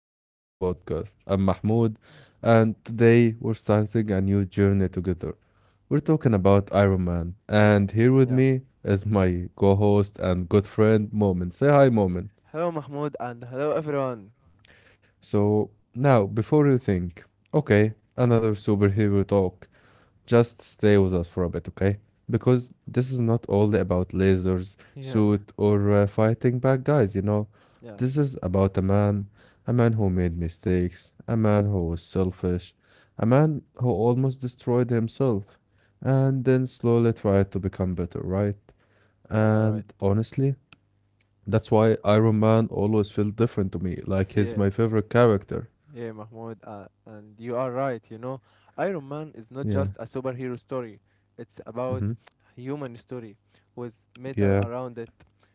back to our podcast. I'm Mahmoud, and today we're starting a new journey together. We're talking about Iron Man, Yeah, and here with yeah. me is my co host and good friend, Moment. Say hi, Moment. Hello, Mahmoud, and hello, everyone. So, now, before you think, okay, another superhero talk. Just stay with us for a bit, okay? Because this is not all about lasers, Yeah, suit, or fighting bad guys, yeah, This is about a man who made mistakes, a man who was selfish, a man who almost destroyed himself, and then slowly tried to become better, right? yeah, And right. honestly, that's why Iron Man always felt different to me, like he's Yeah, my favorite character. yeah, Mahmoud, and you are right. Iron Man is Yeah. not just a superhero story, it's about Mm-hmm. human story with metal Yeah. around it.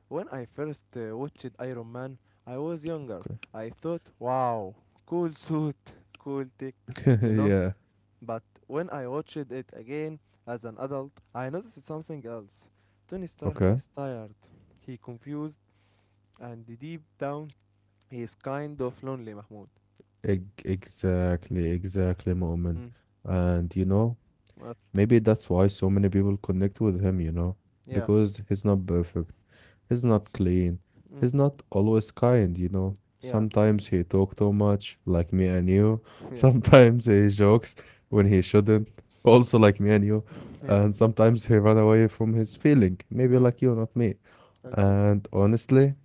When I first watched Iron Man, I was younger. I thought, wow, cool suit, cool tech, Okay. you Yeah. know, but when I watched it again as an adult, I noticed something else. Tony Stark Okay. is tired. He confused and deep down he is kind of lonely, Mahmoud. Exactly, exactly, Mu'min. Mm. And What? maybe that's why so many people connect with him, Yeah. because he's not perfect, he's not clean, Mm. he's not always kind, Yeah. Sometimes he talk too much, like me and you. Yeah. Sometimes he jokes when he shouldn't, also like me and you. And Yeah. sometimes he run away from his feeling, maybe Mm. like you, not me. Okay. And honestly,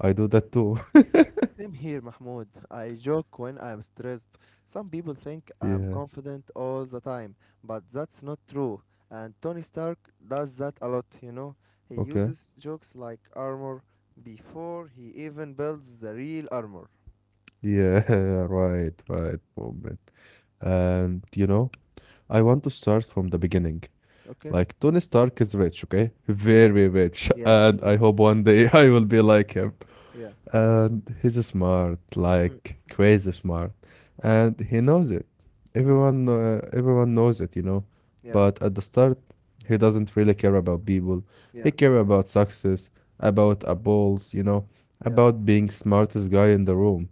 I do that too. Same here, Mahmoud. I joke when I'm stressed. Some people think Yeah, I'm confident all the time, but that's not true. And Tony Stark does that a lot, you know? He okay. uses jokes like armor before he even builds the real armor. Yeah, right, right, moment. And I want to start from the beginning. Okay? Like, Tony Stark is rich, okay? Yeah, Very rich. yeah, I And know. I hope one day I will be like him. Yeah. And he's smart, Mm. like crazy smart. And he knows it. Mm. Everyone knows it, But Yeah, at the start, he doesn't really care about people. He yeah, care about success, about applause, yeah. about being smartest guy in the room.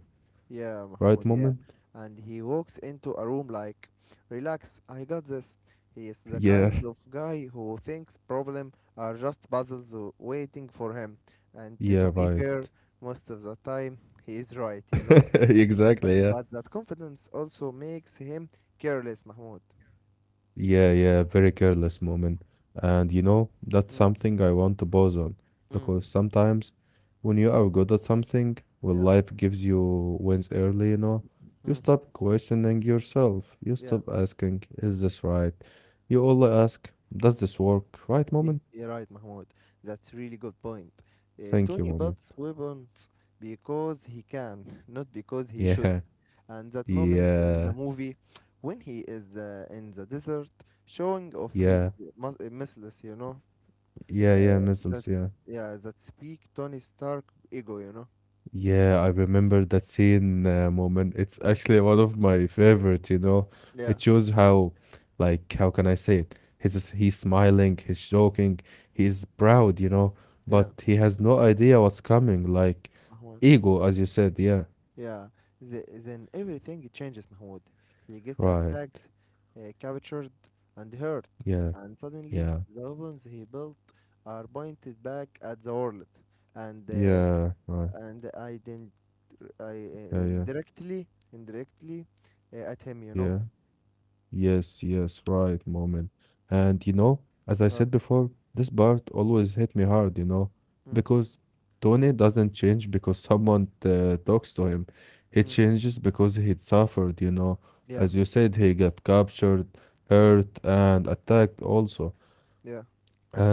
Yeah, Right, Mahmoud, yeah. moment? And he walks into a room like, relax, I got this. He is the Yeah, kind of guy who thinks problem are just puzzles waiting for him. And yeah, to be right. fair, most of the time he is right, you know. Exactly, yeah. But that confidence also makes him careless, Mahmoud. Yeah, yeah, very careless moment. And that's Mm, something I want to pause on because mm, sometimes when you are good at something, when yeah, life gives you wins early, you mm, stop questioning yourself. You stop yeah, asking, is this right? You only ask, does this work? Right, moment? you're right, Mahmoud. That's really good point. Thank you, Tony moment. builds weapons because he can, not because he should. Yeah, And that moment yeah, in the movie when he is in the desert showing off yeah, his muscles, yeah, yeah, uh, that missiles, yeah. yeah, that speak Tony Stark ego, you know. Yeah, I remember that scene moment. It's Mm. actually one of my favorite, It Yeah, shows how, like, how can I say it? He's smiling, he's joking, he is proud, yeah, but he has no idea what's coming. Like, Mahmoud. ego, as you said. Yeah, Yeah, then everything changes, Mahmoud. He gets right. attacked, captured, and hurt, Yeah, and suddenly yeah, the weapons he built are pointed back at the world, and uh, yeah, right. and I didn't, I Yeah, yeah, indirectly indirectly at him, yeah. you know. Yes, yes, right, moment. And as I said Uh, before, this part always hit me hard, mm, because Tony doesn't change because someone talks to him. He mm, changes because he suffered, yeah, As you said, he got captured, mm, hurt, and attacked also. yeah,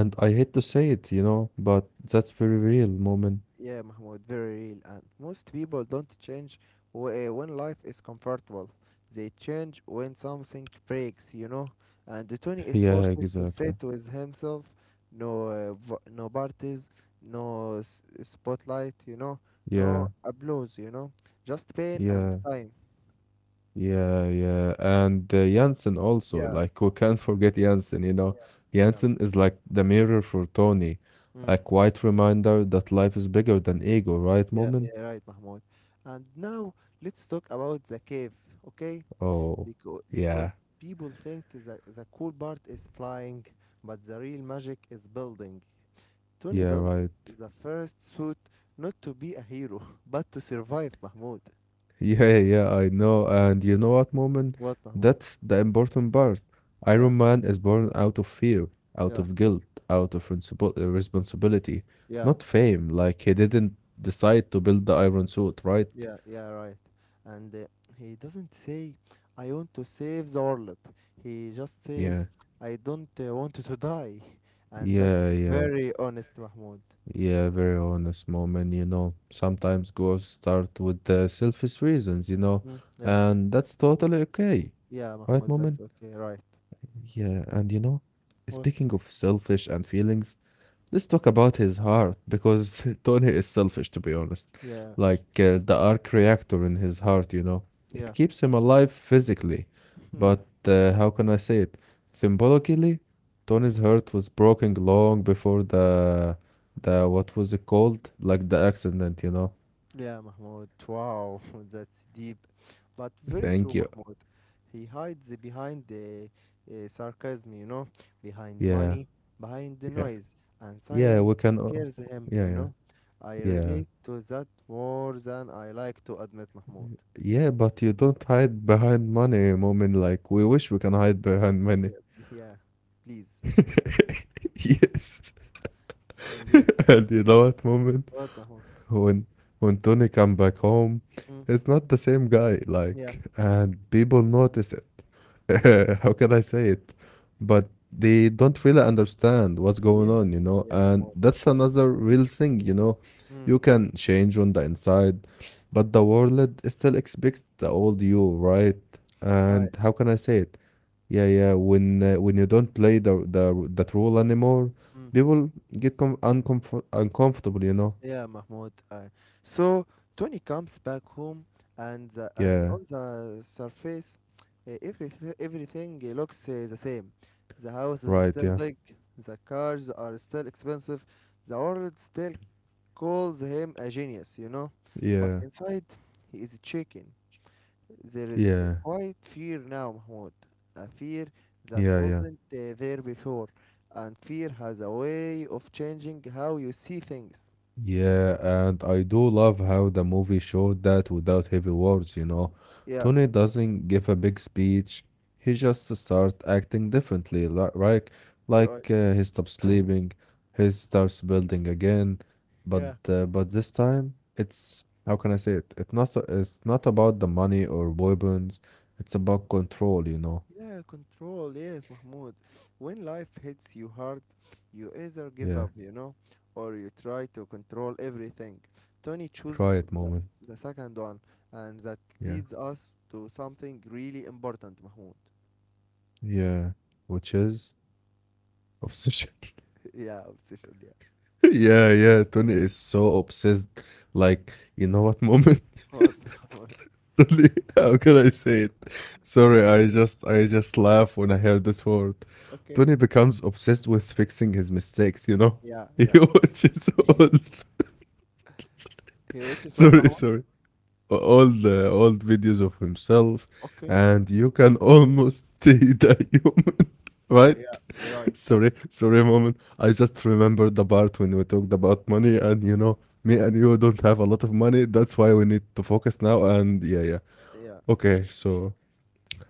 And I hate to say it, but that's very real moment. yeah, Mahmoud, very real. And most people don't change when life is comfortable. They change when something breaks, you know. And the Tony is Yeah, forced to sit exactly. with himself, no parties, no spotlight, no Yeah, applause, just pain and yeah. time. Yeah, yeah. And Jansen also, Yeah, like, we can't forget Jansen, yeah, yeah. Jansen is like the mirror for Tony, Mm. a quiet reminder that life is bigger than ego, right, Yeah, Moment? yeah, right, Mahmoud. And now let's talk about the cave, okay? Oh, Because yeah, because people think the cool part is flying, but the real magic is building. Tony yeah, builds right. the first suit not to be a hero, but to survive, Mahmoud. Yeah, yeah, I know. And you know what, Moment? What, Mahmoud? That's the important part. Iron Yeah, Man is born out of fear, out yeah, of guilt, out of responsibility, yeah. not fame. Like, he didn't decide to build the iron suit, right? Yeah, yeah, right. And he doesn't say, I want to save the world. He just Yeah. says, I don't want to die. And Yeah, that's yeah. very honest, Mahmoud. Yeah, very honest moment, Sometimes goals start with the selfish reasons, Mm. Yeah, and that's totally okay. yeah, Right, Mahmoud, moment? that's okay, right. Yeah, and What? speaking of selfish and feelings, let's talk about his heart because Tony is selfish, to be honest. Yeah, Like the arc reactor in his heart, it yeah. keeps him alive physically, but how can I say it? Symbolically, Tony's heart was broken long before the what was it called? Like the accident, Yeah, Mahmoud. Wow, that's deep, but very Thank true, you. Mahmoud. He hides behind the sarcasm, you know, behind the Yeah, money, behind the yeah, noise, and silence yeah. We can. Scares him, you Yeah, know. yeah, I relate yeah, to that more than I like to admit, Mahmoud. yeah. But you don't hide behind money, moment. Like we wish we can hide behind money. Yeah, yeah, please. Yes. And this, And you know what moment what, Mahmoud? when when Tony come back home, Mm, it's not the same guy. yeah, Like, and people notice it. Mm, How can I say it? But they don't really understand what's going yeah, on, yeah, And Mahmoud. that's another real thing, you know. Mm, You can change on the inside, but the world still expects the old you, right? And how right. can I say it? Yeah, yeah. When you don't play the that role anymore, Mm. people get com uncomfort uncomfortable, you know? Yeah, Mahmoud. So Tony comes back home, and Yeah, on the surface, everything looks the same. The house right. is Yeah, still big. The cars are still expensive. The world still calls him a genius, you know. But yeah, inside, he is shaken. There yeah, is quite fear now, Mahmoud. A fear yeah, that yeah. wasn't there before, and fear has a way of changing how you see things. Yeah, and I do love how the movie showed that without heavy words, Yeah. Tony doesn't give a big speech. He just starts acting differently, like Right. He stops sleeping, he starts building again. But Yeah. uh, but this time, it's how can I say it? It's not so- It's not about the money or weapons. It's about control, Yeah, control, yes, Mahmoud. When life hits you hard, you either give Yeah, up, you know, or you try to control everything. Tony chooses quiet moment. the second one, and that Yeah, leads us to something really important, Mahmoud. yeah, which is obsession. Yeah, obsession, yeah. Yeah, yeah. Tony is so obsessed. Like, you know what moment? What, Mahmoud? Tony, how can I say it? Sorry, I just laugh when I hear this word. Tony Okay. becomes obsessed with fixing his mistakes, you know? Yeah, He yeah. watches old He watches what, sorry, Mahmoud? sorry. All the old videos of himself Okay. and you can almost see the human, right? Yeah, you're right. Sorry, sorry, moment. I just remembered the part when we talked about money, and me and you don't have a lot of money. That's why we need to focus now. And yeah, yeah. Yeah, Okay, so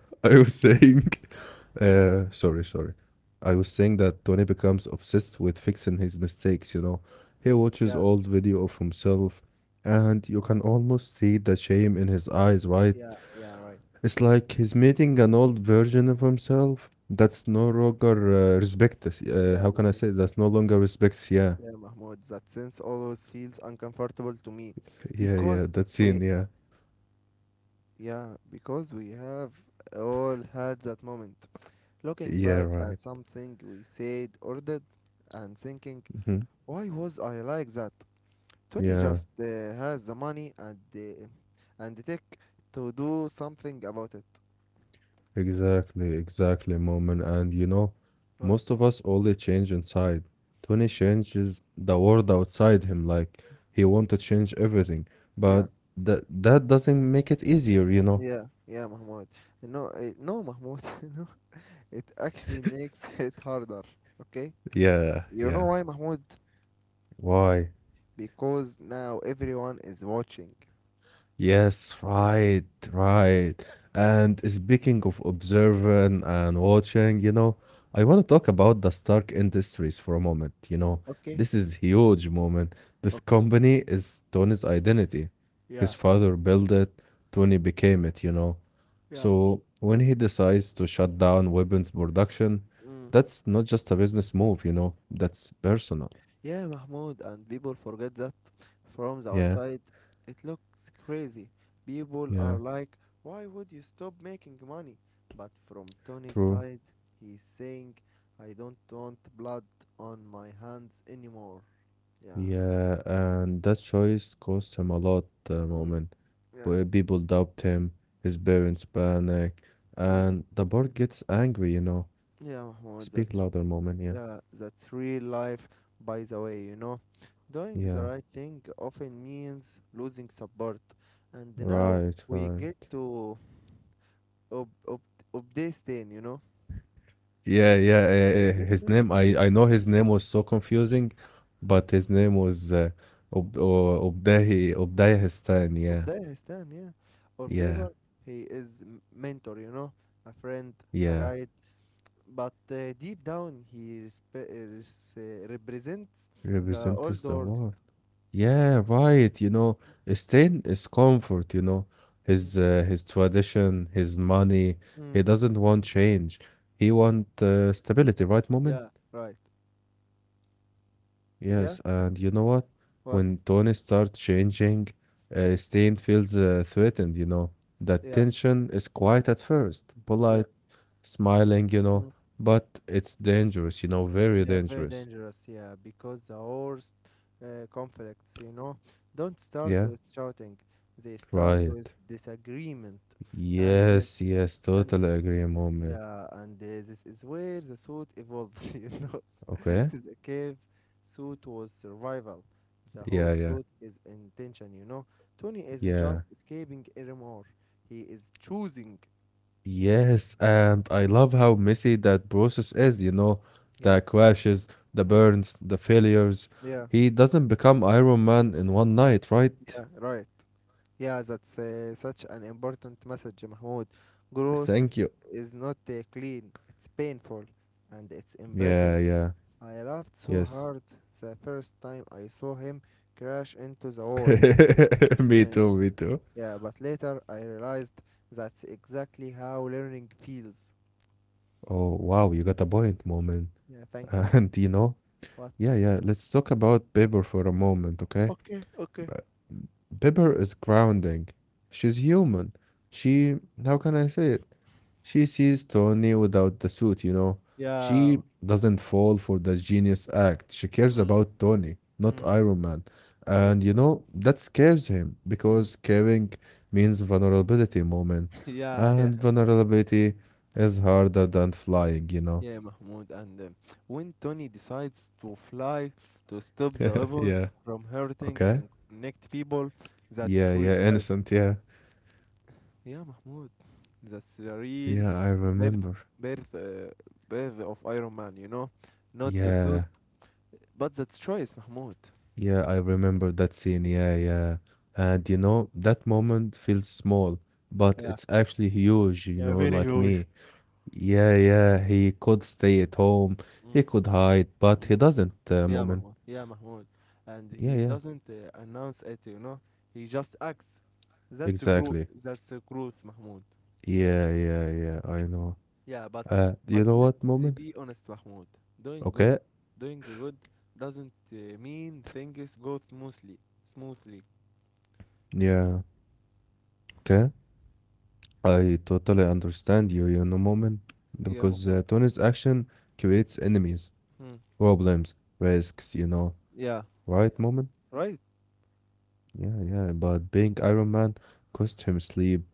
I was saying, sorry, sorry. I was saying that Tony becomes obsessed with fixing his mistakes, He watches yeah, old video of himself, and you can almost see the shame in his eyes, right? yeah, yeah, right. It's like he's meeting an old version of himself that's no longer respected. Yeah, How can I Mahmoud. say that no longer respects? Yeah, Yeah, Mahmoud, that sense always feels uncomfortable to me yeah, because yeah. That we, scene. Yeah, we have all had that moment looking yeah, back right. at something we said or did and thinking, Hmm. why was I like that? Tony just Yeah, has the money and and the tech to do something about it. exactly, exactly, moment. And What? most of us only change inside. Tony changes the world outside him. Like he want to change everything, Yeah, but that that doesn't make it easier. You know. yeah, yeah, Mahmoud. No, no, Mahmoud, no, it actually makes it harder, okay? Yeah, You know yeah. why, Mahmoud? Why? Because now everyone is watching. Yes, right, right. And speaking of observing and watching, I want to talk about the Stark Industries for a moment. Okay, This is huge moment. This okay. company is Tony's identity. Yeah, His father built it, Tony became it, yeah. So when he decides to shut down weapons production, Mm. that's not just a business move, that's personal. Yeah, Mahmoud, and people forget that from the Yeah, outside it looks crazy. People are yeah, like, why would you stop making money? But from Tony's true. side, he's saying, I don't want blood on my hands anymore. Yeah. Yeah, and that choice cost him a lot, Mm, Moment. yeah. Where people doubt him, his parents panic, Mm. and the board gets angry, Yeah, Mahmoud, Speak that's louder, Moment. Yeah, yeah, that's real life, by the way, you know. Doing the yeah, right thing often means losing support. And now right, we get right. to ob ob Obdestin, you know. Yeah, yeah. His Obdestin? name, I know his name was so confusing, but his name was Ob Obdahi Obdahi Histan. Yeah, Obdestin, yeah. On yeah, paper, he is mentor, you know, a friend, yeah. a guide. But deep down, he represents the old Represents the world. war. Yeah, right. You know, Stein is comfort, Mm. His tradition, his money. He Mm. doesn't want change. He want stability, right, Moment? Yeah, right. Yeah, Yes, and you know what? what? When Tony starts changing, Stein feels threatened, That Yeah, tension is quiet at first, yeah. polite, smiling, Mm. but it's dangerous, very Yeah, very dangerous. dangerous. Yeah, because the worst conflicts, you know, don't start with Yeah, shouting. They start with right. disagreement, and uh, Yes, yes, and totally agree, Moment. yeah, and this is where the suit evolves. You know, Okay. the cave suit was survival. The home Yeah, suit yeah, is intention. You know, Tony isn't just yeah. escaping anymore. He is choosing. Yes, and I love how messy that process is, the Yeah. crashes, the Mm, burns, the failures. yeah. He doesn't become Iron Man in one night, right? Yeah. Right. Yeah, that's such an important message, Mahmoud. Growth Thank you. is not clean, it's painful and it's Yeah, embarrassing. yeah, I laughed so yes. hard the first time I saw him crash into the wall. Me Uh, too, me too. yeah, but later I realized that's exactly how learning feels. Oh, wow, you got a point, moment. Yeah, thank you. Ma- And What? yeah, yeah, let's talk about paper for a moment, okay? Okay, okay. uh, Pepper is grounding. She's human. She, how can I say it? She sees Tony without the suit, She Yeah. doesn't fall for the genius act. She cares Mm, about Tony, not mm, Iron Man. yeah. And that scares him Mm. because caring means vulnerability, moment. yeah, yeah. And vulnerability is harder than flying, Yeah, Mahmoud. And when Tony decides to fly to stop the weapons Yeah. from hurting Okay. and connect people, that's Yeah, re- yeah, that. innocent, yeah. Yeah, Mahmoud. That's the Yeah, real I remember. birth, birth, uh, birth of Iron Man. You know, not the Yeah. suit, but that's choice, Mahmoud. Yeah, I remember that scene. Yeah, yeah. And that moment feels small, but Yeah, it's actually huge, yeah, very like huge. me. Yeah, yeah, he could stay at home, Mm, he could hide, but mm. he doesn't, Yeah, Mahmoud. Moment. Yeah, Mahmoud. And he Yeah, yeah, doesn't announce it, you know. He just acts. That's the growth. exactly. That's the growth, Mahmoud. Yeah, yeah, yeah, I know. Yeah, but but You know what, let's Moment? be honest, Mahmoud. Doing good, Okay. Doing good doesn't mean things go smoothly. Smoothly. Yeah, okay. I totally understand you, Moment, Yeah, because Mahmoud. Tony's action creates enemies, Hmm. problems, risks, Yeah. right, Moment? Right. Yeah, yeah, but being Iron Man cost him sleep,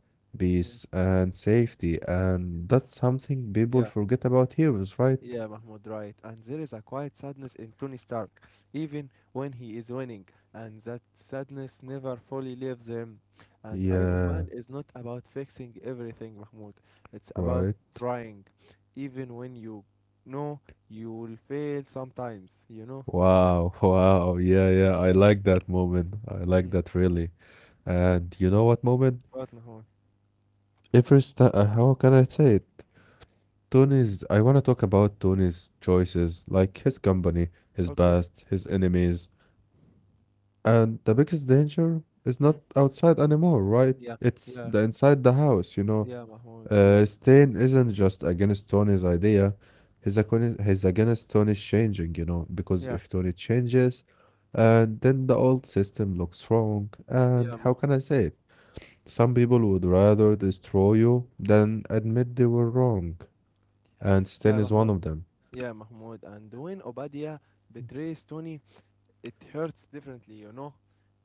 Hmm. peace, and safety, and that's something people Yeah. forget about heroes, right? Yeah, Mahmoud, right. And there is a quiet sadness in Tony Stark, even when he is winning, and that sadness never fully leaves him. And Iron Man is Yeah, not about fixing everything, Mahmoud. It's about right. trying, even when you know you will fail sometimes, you know? Wow, wow. Yeah, yeah, I like that moment. I like Mm. that really. And you know what moment? What, Mahmoud? Every sta how can I say it? Tony's, I want to talk about Tony's choices, like his company, his Okay. past, his enemies, and the biggest danger is not Mm. outside anymore, right? Yeah, It's yeah, the inside the house, yeah, Mahmoud. Yeah, Stain isn't just against Tony's idea. He's against Tony's changing, you know, because yeah, if Tony changes, and then the old system looks wrong. yeah, And Mahmoud. how can I say it? Some people would rather destroy you than admit they were wrong. And Stain is Yeah, Yeah, one of Mahmoud. them. Yeah, Mahmoud. And when Obadiah betrays Tony, it hurts differently, you know.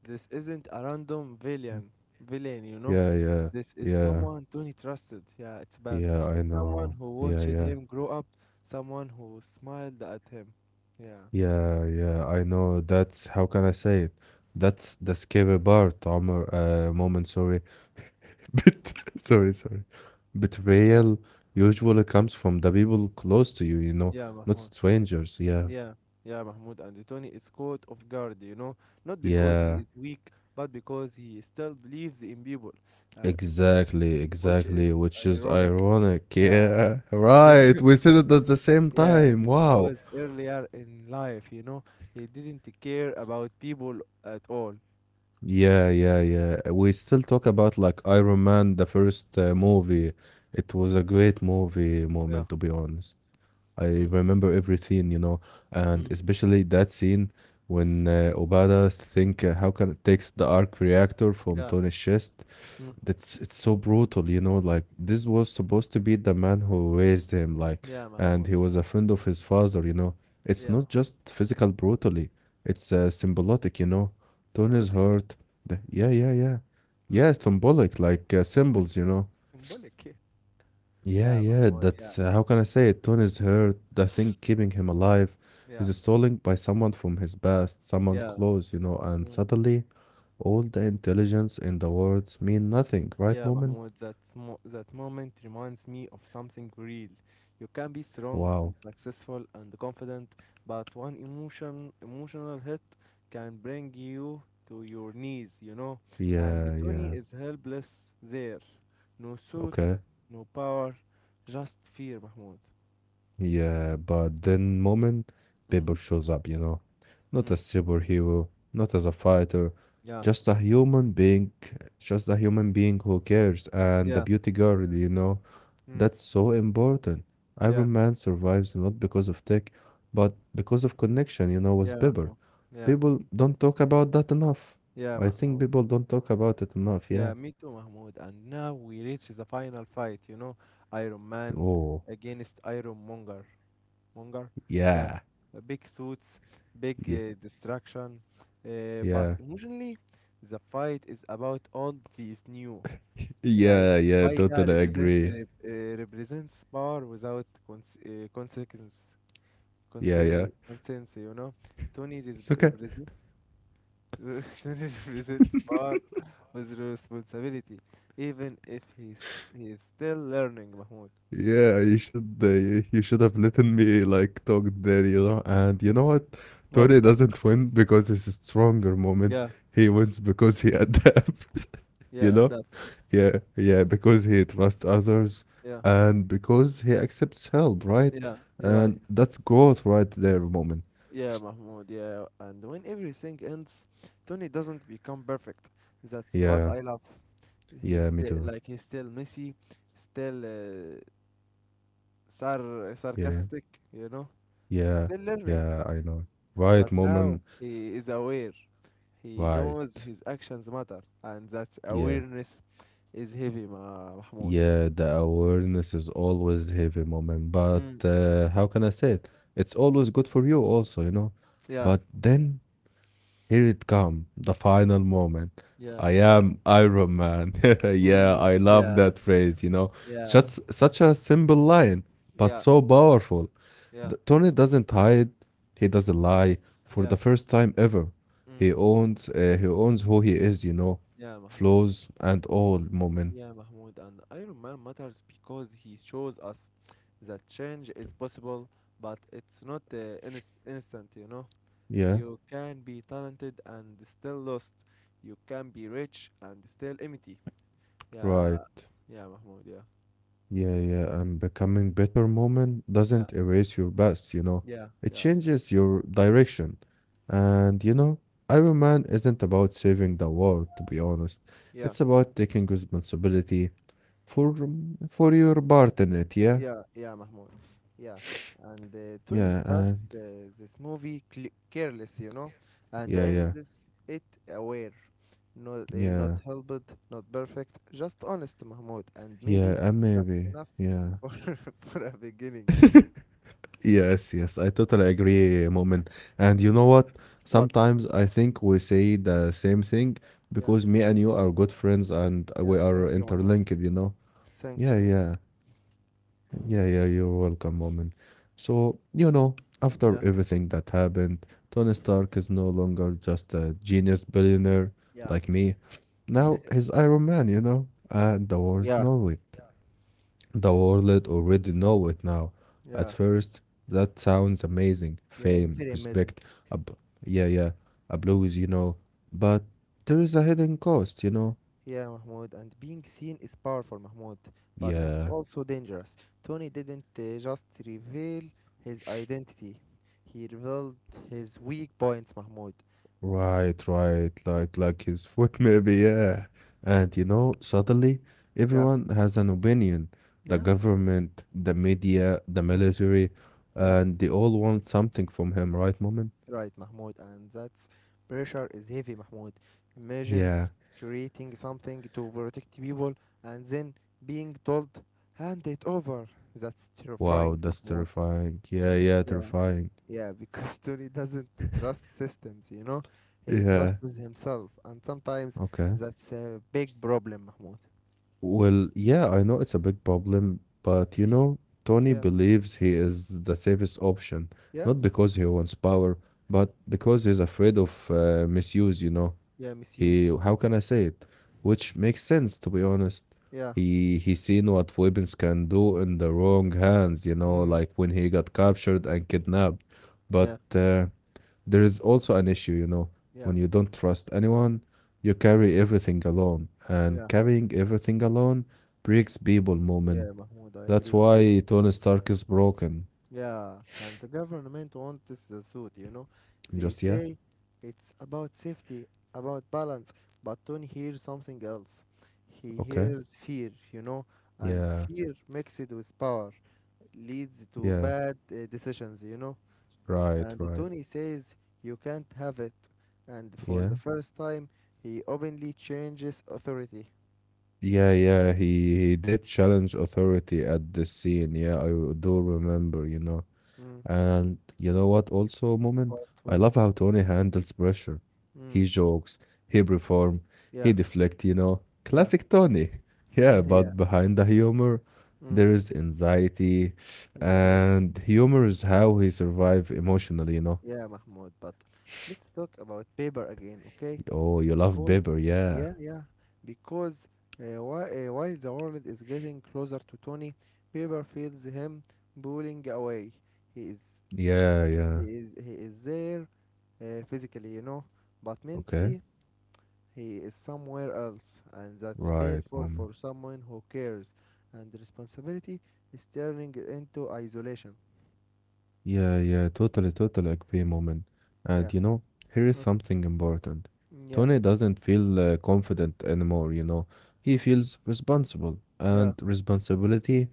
This isn't a random villain, you know. Yeah, yeah, This is yeah, someone Tony trusted. Yeah, it's bad. yeah, I know. Someone who Yeah, yeah. watched him grow up. Someone who smiled at him. Yeah, Yeah, yeah, I know. That's how can I say it? That's the scary part, Omar. Moment, sorry. But sorry, sorry. Betrayal yeah, usually comes from the people close to you, you know, yeah, not Mahmoud. strangers. Yeah, Yeah, yeah, Mahmoud. And Tony is caught off guard, you know, not because he yeah, is weak, but because he still believes in people, uh, exactly, which is exactly. Which is ironic. ironic. Yeah, Yeah, right. We said it at the same yeah, time. Wow. because earlier in life, you know, he didn't care about people at all. Yeah, yeah, yeah. We still talk about like Iron Man, the first movie. It was a great movie moment, to be Yeah. honest. I Mm. remember everything, you know, and Mm. especially that scene when Obada think how can it takes the arc reactor from Yeah. Tony's chest. Mm. That's it's so brutal, you know. Like this was supposed to be the man who raised him, like, Yeah, and he was Mahmoud. a friend of his father, you know. It's Yeah, not Mahmoud. just physical brutally; it's symbolic, you know. Tony's Symbolic? hurt. The, yeah, yeah, yeah, yeah. Symbolic? It's symbolic, like Symbolic? symbols, you know. Symbolic. Yeah, Yeah, yeah yeah, Mahmoud. Yeah. that's how can I say it? Tony's hurt. I think keeping him alive is stolen by someone from his past, someone Yeah. close, you know, and Yeah. suddenly all the intelligence in the world mean nothing, right, Yeah, moment? Mahmoud, that moment reminds me of something real. You can be Wow. strong and successful and confident, but one emotion, emotional hit can bring you to your knees, you know. And Yeah, Tony yeah. is helpless there. No suit, Okay. no power, just fear, Mahmoud. Yeah, but then moment Paper Mm. shows up, you know. Not Mm. as superhero, not as a fighter, Yeah, just a human being, just a human being who cares and a yeah, beauty girl, you know. That's mm. so important. Iron Man Yeah, survives not because of tech, but because of connection, you know, with yeah, Bieber. Mahmoud. Yeah, People don't talk about that enough. yeah, I think Mahmoud. people don't talk about it enough, yeah. Yeah, me too, Mahmoud. And now we reach the final fight, you know, Iron Man Oh, against Iron Monger. Monger? yeah. Yeah, big suits, big Yeah. Destruction. But Yeah. emotionally, the fight is about old vs new. Like, Yeah, yeah, Obaida totally represent, agree. uh, uh, represents power without consequence, Yeah, yeah. Conscience, you know. Tony, res- It's okay. represent, Tony represents power with responsibility, even if he's still learning, Mahmoud. Yeah, you should you should have let me like talk there, you know. And you know what? But Tony doesn't win because he's a stronger moment. yeah, He wins because he adapts, you yeah, know? adapt. Yeah, yeah, because he trusts others Yeah, and because he accepts help, right? yeah, you're right. And that's growth right there, moment. Yeah, Mahmoud. Yeah, and when everything ends, Tony doesn't become perfect. That's what I Yeah, love. He's yeah, still me too. like he's still messy, still sar Yeah, sarcastic, you know, yeah, still learning. yeah, I know. But Right, now moment. he is aware. He Right. knows his actions matter, and that Yeah. awareness is heavy, Mahmoud. Yeah, the awareness is always heavy moment, but Mm. How can I say it? It's always good for you also, you know. Yeah. But then here it come, the final moment. Yeah. I am Iron Man. Yeah, Mm. I love Yeah. that phrase, you know. Yeah. Just such a simple line, but so Yeah. powerful. The, Yeah. Tony doesn't hide, he doesn't lie. For the Yeah. first time ever, he Mm. owns he owns who he is, you know. Yeah, Mahmoud. Flaws and all moment. Yeah, Mahmoud. And Iron Man matters because he shows us that change is possible, but it's not instant, you know? Yeah, You can be talented and still lost. You can be rich and still empty. Yeah. right. Yeah, Mahmoud. Yeah. Yeah, yeah, and becoming better moment doesn't Yeah. erase your past, you know. Yeah. It Yeah, I know. changes your direction. And you know, Iron Man isn't about saving the world, to be honest. Yeah. It's about taking responsibility for for your part in it, yeah? Yeah, yeah, Mahmoud. Yeah. And Tony Yeah, starts and this movie careless, you know, and yeah, yeah, ends it aware. Not, not yeah, helped, not perfect, just honest, Mahmoud. And maybe yeah, and that's enough maybe, yeah. for, for a beginning. Yes, yes, I totally agree, Moment. And you know what? What, Mahmoud? Sometimes I think we say the same thing Yeah, because me and you are good friends and yeah, we are thank you, Mahmoud. interlinked, you know? Thank Yeah, you. Mah- yeah, yeah, yeah, you're welcome, Moment. So, you know, Yeah, after everything that happened, Tony Stark is no longer just a genius billionaire yeah, like me. Now he's Iron Man, you know? And the war is yeah, not the world already know it now. At yeah, first, that sounds amazing. yeah, Fame, am very respect, amazing. a b yeah, yeah, a blues, you know. But there is a hidden cost, you know. Yeah, Mahmoud, and being seen is powerful, Mahmoud, but it's Yeah, also dangerous. Tony didn't just reveal his identity, he revealed his weak points, Mahmoud. right, right. Like his foot, maybe. Yeah, and you know, suddenly Yeah, everyone has an opinion. The yeah, government, the media, the mm. military, Yeah, and they all want something from him, right, Moment? right, Mahmoud, and that's pressure is heavy, Mahmoud. Imagine Yeah. creating something to protect people and then being told, hand it over. That's Wow, terrifying, that's Mahmoud. terrifying. Yeah, yeah, terrifying. Yeah, because Tony doesn't trust systems, you know? He Yeah. trusts himself. And sometimes Okay. that's a big problem, Mahmoud. Well, yeah, I know it's a big problem, but you know, Tony Yeah, believes he is the safest option, not yeah, because he wants power, but because he's afraid of misuse, you know. yeah, misuse. He, how can I say it? Which makes sense, to be honest. Yeah, He seen what weapons can do in the wrong hands, you know, like mm, when he got captured and kidnapped. But yeah, there is also an issue, you know, yeah, when you don't trust anyone, you carry everything alone, and yeah, carrying everything alone breaks people moment. yeah, Mahmoud, I That's agree with why you. Tony Stark is broken. Yeah, and the government wants the suit, you know? They Just yeah, say it's about safety, about balance, but Tony hears something else. He okay, hears fear, you know? And yeah, fear mixed with power leads yeah, to bad decisions, you know. right, And right, Tony says, You can't have it. And for yeah, the first time, he openly changes authority. yeah, yeah. He did challenge authority at this scene. Yeah, I do remember, you know. Mm. And you know what, also, Moment, What? I love What? how Tony handles pressure. He Mm. jokes, he perform, he Yeah, deflect, you know. yeah, Classic Tony. Yeah, yeah. but behind the humor, Mm. there is anxiety, Inside. and humor is how he survive emotionally, you know. Yeah, Mahmoud, but let's talk about paper again, okay? Oh, you Because, love Bieber, yeah, yeah. yeah, because while the world is getting closer to Tony, paper feels him pulling away. He is, Yeah, he yeah. is, he is there physically, you know, but mentally Okay. he is somewhere else, and that's painful Right, for Moment. someone who cares. And responsibility is turning into isolation. Yeah, yeah, totally, totally agree, moment. Yeah, And you know, here is uh, something important. yeah, Tony doesn't feel confident anymore, you know. He mm, feels responsible, yeah, and responsibility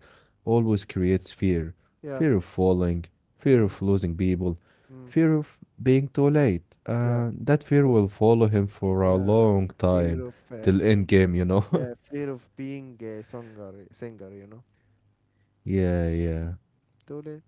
always creates fear. yeah. Fear of falling, fear Mm. of losing people, Mm, fear of being too late. yeah, That fear uh, will follow him for a yeah, long fear time, of uh, till end game, you know. yeah, fear of being a singer, you know. Yeah, yeah. Too late.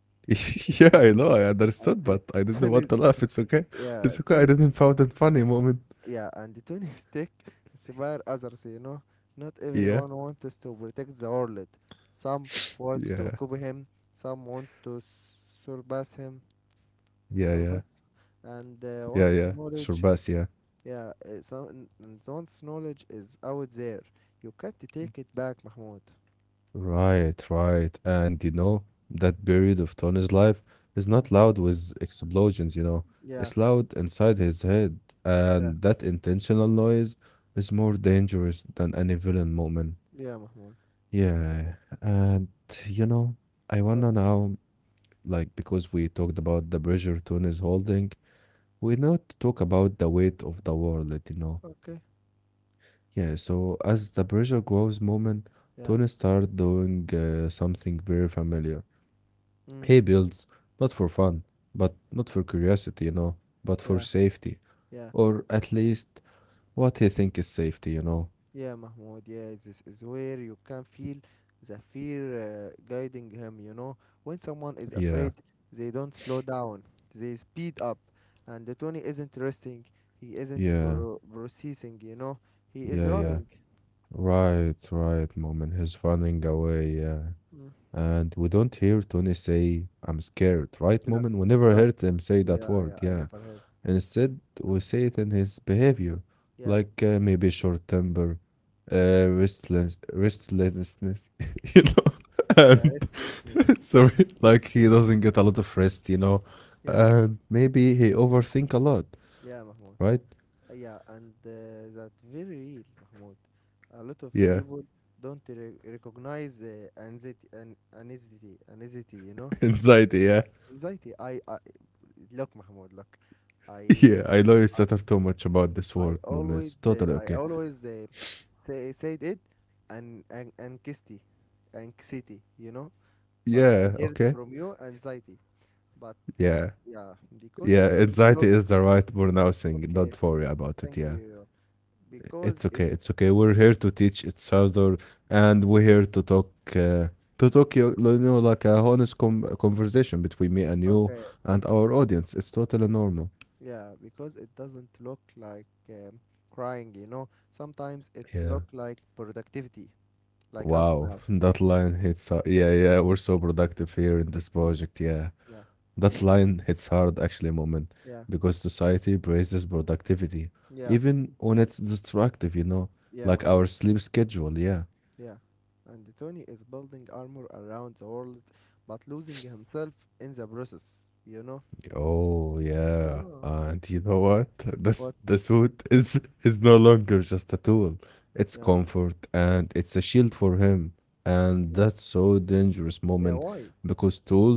yeah, I know, I and understood, but the I didn't want Tony, to laugh. It's okay. yeah, It's okay. I didn't found it and, funny moment. yeah, and the Tony Stick inspire others, you know. Not Yeah, everyone wants to protect the world. Some want yeah, to copy him. Some want to surpass him, yeah, yeah, surpass. And yeah, once yeah. knowledge, Surbas, yeah. yeah, and once knowledge is out there, you can't take it back, Mahmoud. Right, right. And you know, that period of Tony's life is not loud with explosions, you know. Yeah, It's loud inside his head, yeah, and that intentional noise is more dangerous than any villain moment. yeah, Mahmoud. Yeah, and you know, I But wanna now like because we talked about the pressure Tone is holding, we not talk about the weight of the world, you know. okay, Yeah, so as the pressure grows moment, yeah, Tony starts doing something very familiar. mm, He builds not for fun, but not for curiosity, you know, but yeah, for safety, yeah, or at least what he think is safety, you know. yeah, Mahmoud. Yeah, this is where you can feel the fear guiding him. You know, when someone is Yeah, afraid, they don't slow down; they speed up. And the Tony isn't resting; he isn't yeah, processing. You know, he is yeah, yeah. running. Right, right, moment. He's running away, yeah. Mm, And we don't hear Tony say, I'm scared, right, Moment? yeah, We never heard right. him say that Yeah, word, yeah. I yeah. never heard. Instead, we see it in his behavior, Yeah, like maybe short temper, restlessness, you know? yeah. And Restlessness. sorry, like he doesn't get a lot of rest, you know? Yeah, And maybe he overthink a lot, yeah, Mahmoud. right? Yeah, and that very real, Mahmoud. A lot of Yeah, people don't recognize anxiety, anxiety. You know, anxiety, yeah. anxiety. I look, Mahmoud. Look, I, Yeah, I know you stutter too much about this I word, Moment. always, It's totally uh, I okay. always uh, say said it, and anxiety. You know, but I Yeah, heard okay. from you anxiety. But Yeah. yeah, because it Yeah, doesn't anxiety look is the right pronouncing. okay. Don't worry about it. Thank Yeah, you. Because it's it okay. It's okay. We're here to teach each other, and we're here to talk. To talk, you know, like a honest conversation between me and okay. you and our audience. It's totally normal. Yeah, because it doesn't look like crying, you know. Sometimes it's look Yeah. like productivity, like us now. Wow, that line hits hard. Yeah, yeah. We're so productive here in this Mm. project. Yeah, Yeah, that line hits hard actually, moment, yeah, because society praises productivity, yeah, even when it's destructive. You know, yeah, like our Mahmoud. sleep schedule. Yeah Yeah. And Tony is building armor around the world, but losing himself in the process, you know. Oh yeah. Oh. And you know what? This What? the suit is no longer just a tool. It's Yeah, comfort and it's a shield for him. And yeah, that's so dangerous moment yeah. Why? because tools,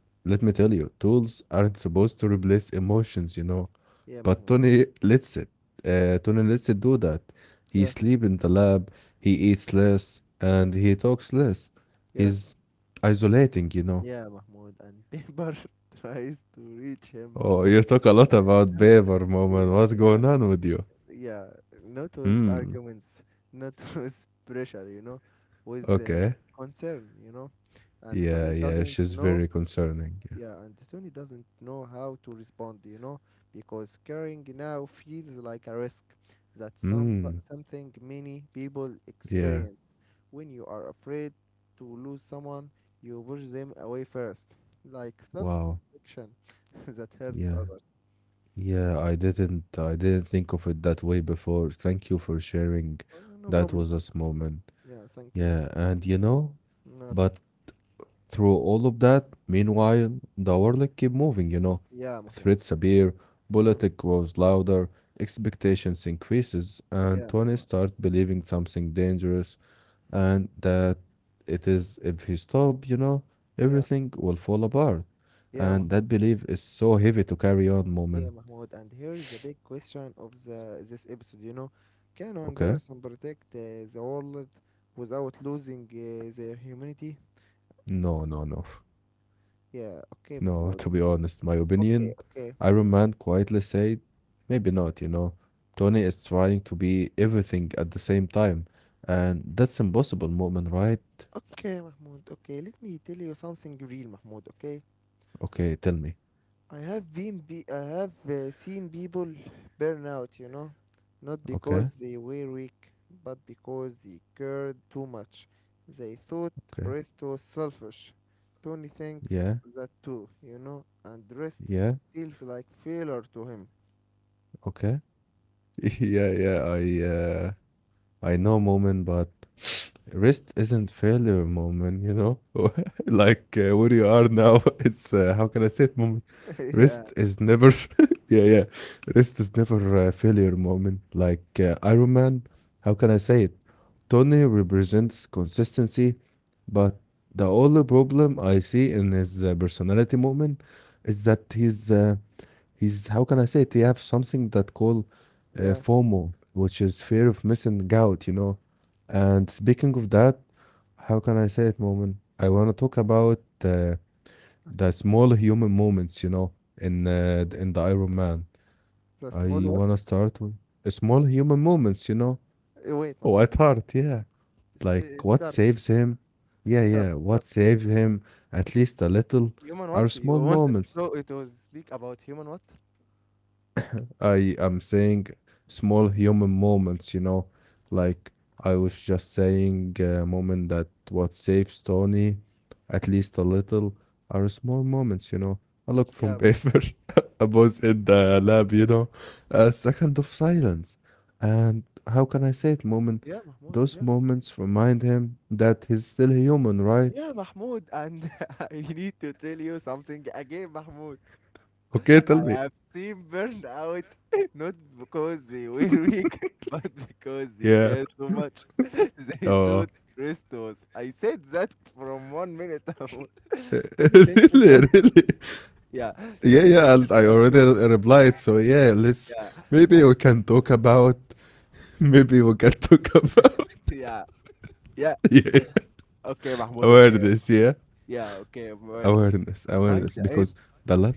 let me tell you, tools aren't supposed to replace emotions, you know. Yeah, But Mahmoud. Tony lets it. Tony lets it do that. He Yeah, sleep in the lab, he eats less, and he talks less. yeah, He's isolating, you know. yeah, Mahmoud. And Pepper tries to reach him, Oh, Mahmoud. you talk a lot about Baber moment. Yeah, What's yeah. going on with you? Yeah, not with Hmm. arguments, not with pressure, you know, with Okay. concern, you know. And Yeah, Tony yeah. She's doesn't very know, concerning. Yeah. Yeah, and Tony doesn't know how to respond, you know, because caring now feels like a risk. That's Hmm. something many people Yeah. experience. When you are afraid to lose someone, you push them away first, like Wow. self-protection that hurts Yeah. others. Yeah. I didn't think of it that way before. Thank you for sharing. No That problem. was a moment. Yeah, thank you. Yeah. And you know, Not but through all of that, meanwhile, the world kept moving, you know. yeah, Mahmoud. Threats appear, Mm. politics grows louder, expectations increases, and Yeah, Tony Mahmoud. starts believing something dangerous and that it is if he stop, you know, everything Yeah, will fall apart. And yeah, that Mahmoud. belief is so heavy to carry on, Yeah, moment. Mahmoud. And here is the big question of the this episode. You know, can one Okay? person protect the world without losing their humanity? No, no, no. Yeah. Okay, No, to be Mahmoud. honest, my opinion, Okay, okay, Iron Man quietly said, maybe not, you know. Tony is trying to be everything at the same time, and that's impossible, Moment, right? okay, Mahmoud. Okay, let me tell you something real, Mahmoud. Okay. Okay, tell me. I have seen people burn out, you know, not Okay, because they were weak, but because they cared too much. They thought okay. rest was selfish. Tony Yeah, thinks that too, you know, and rest yeah, feels like failure to him. okay. Yeah, yeah, I know Moment, but rest isn't failure moment, you know? Like where you are now, it's how can I say it moment? Yeah, Rest is never, yeah, yeah. Rest is never a failure moment. Like Iron Man, how can I say it? Tony represents consistency, but the only problem I see in his personality moment is that he's how can I say it? He have something that called yeah, FOMO, which is fear of missing out, you know. And speaking of that, how can I say it, moment? I want to talk about the okay. small human moments, you know, in the Iron Man. The small I what? want to start with small human moments, you know. Wait, Oh, Mahmoud. at heart, yeah. S- Like eh, what Start, saves him? Yeah, start, yeah. What start. saves him? At least a little Human what? are small You want to moments. so it was speak about human what? I am saying small human moments, you know, like I was just saying a moment that what saves Tony, at least a little, are small moments, you know. A look from Yeah, paper, a pause in the lab, you know, a second of silence. And how can I say it, moment? yeah, Mahmoud. Those Yeah. moments remind him that he's still human, right? Yeah, Mahmoud, and I need to tell you something again, Mahmoud. Okay, tell I me. have seen burnout not because they were weak, but because they cared Yeah. too much. They thought Oh, rest was. I said that from one minute, Mahmoud. Tony thinks really, that, really. yeah, Yeah, Tony yeah. thinks I that already too. Replied. So yeah, let's Yeah, maybe we can talk about maybe we can talk about yeah, yeah. yeah, Okay, Mahmoud, okay. awareness. Yeah, Yeah, okay, awareness. awareness, awareness. By the Because end, the lot.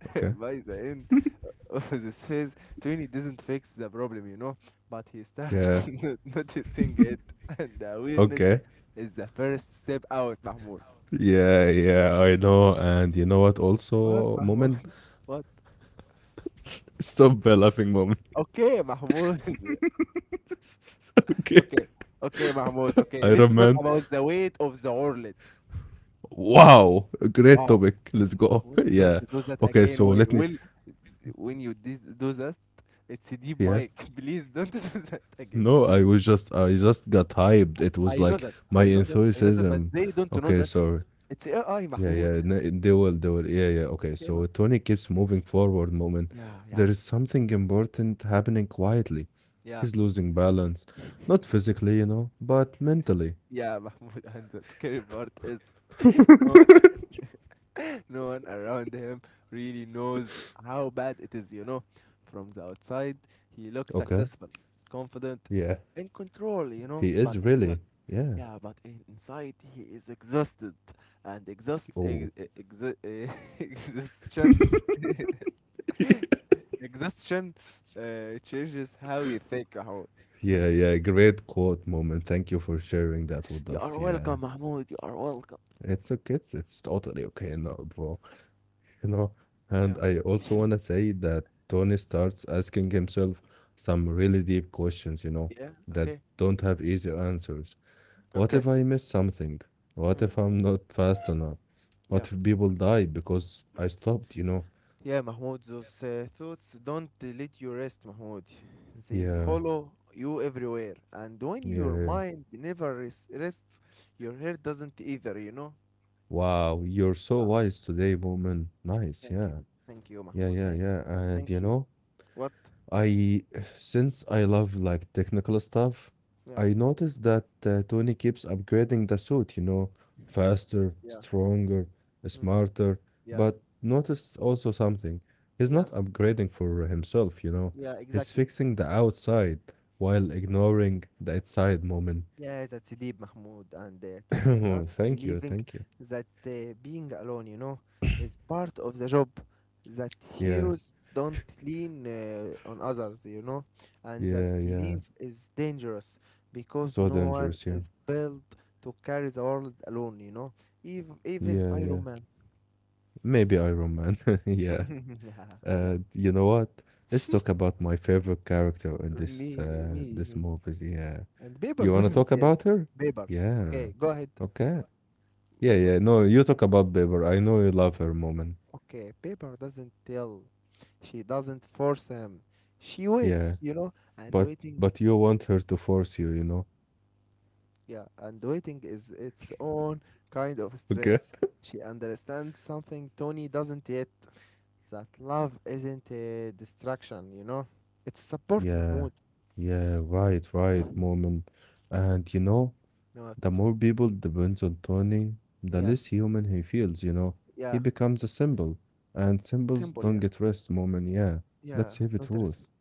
Okay. by the end, this says Tony doesn't fix the problem, you know, but he starts Yeah. No- noticing it, and the awareness Okay. is the first step out, Mahmoud. Yeah, yeah. I know. And you know what? What, Also, moment. Mahmoud? What? Stop laughing, moment. Okay, Mahmoud. okay. Okay, okay, Mahmoud. Okay, Iron let's talk Man. about the weight of the wallet. Wow, great Wow. topic. Let's go. Wait, yeah. don't do that Okay. again. So let me. Will when you do that, it's a deep Yeah. mic. Please don't do that again. No, Please. I just got hyped. It was I know like that. my I know that. I know that, but enthusiasm. they don't Okay, know that. sorry. It's Yeah, AI, yeah. Mahmoud. They will, they will. Yeah, yeah. Okay. So Okay, Keba. Tony keeps moving forward moment. Yeah, yeah, There is something important happening quietly. yeah, He's losing balance. Not physically, you know, but mentally. yeah. Mahmoud, and the scary part is no one, no one around him really knows how bad it is. You know, from the outside, he looks Okay. successful, confident, Yeah. in control. You know, He but is inside, really. Yeah. yeah, but inside he is exhausted, and Oh. Ex, exhaustion, exhaustion, changes how you think, Mahmoud. Yeah, yeah. Great quote moment. Thank you for sharing that with You are us. Yeah. welcome, Mahmoud. You are welcome. It's okay. It's totally okay now, bro. You know, and Yeah. I also want to say that Tony starts asking himself some really deep questions, you know, Yeah. that Okay. don't have easy answers. What Okay. if I miss something? What if Mm. I'm not fast enough? What if Yeah. people died because I stopped, you know? Yeah, Mahmoud, those thoughts don't let you rest, Mahmoud. They Yeah, follow you everywhere. And when yeah, your yeah. mind never rests, your head doesn't either, you know? Wow, you're so wise today, woman. Nice. Thank Yeah, you. Thank you, yeah, Mahmoud. yeah, yeah. And you Thank you. know, What? I since I love like technical stuff, Yeah. I noticed that Tony keeps upgrading the suit, you know, faster, Yeah. stronger, Mm. smarter, but Yeah. noticed also something. He's not Yeah. upgrading for himself, you know. Yeah, He's exactly. fixing the outside while ignoring the inside moment. Yeah, that's deep, Mahmoud. And Tony starts Thank you, thank believing you. that being alone, you know, is part of the job, that Yeah, heroes don't lean on others, you know, and that yeah, yeah. belief is dangerous because So no one dangerous, yeah. is built to carry the world alone, you know, even, Yeah, even yeah. Iron Man. Maybe Iron Man. Yeah. Yeah, yeah. You know what? Let's talk about my favorite character in this Me, me, me. movie. Yeah, And Bieber you wanna doesn't talk yell. about her? Bieber. Okay, Yeah. go ahead. Okay. Yeah, Bieber. yeah. No, you talk about Bieber. I know you love her, Moment. Okay, paper doesn't tell. She doesn't force him. She waits, Yeah, you know, and but waiting, but you want her to force you, you know? yeah, and waiting is its own kind of Okay. strength. She understands something Tony doesn't yet, that love isn't a distraction, you know. It's support, Yeah, Mahmoud. yeah. Right, right, Moment. And you know. No, The more people depends on Tony, the less yeah, human he feels, you know. He yeah, becomes a symbol, and symbols simple, don't yeah, get rest moment. Yeah, yeah, that's heavy don't stress. truth.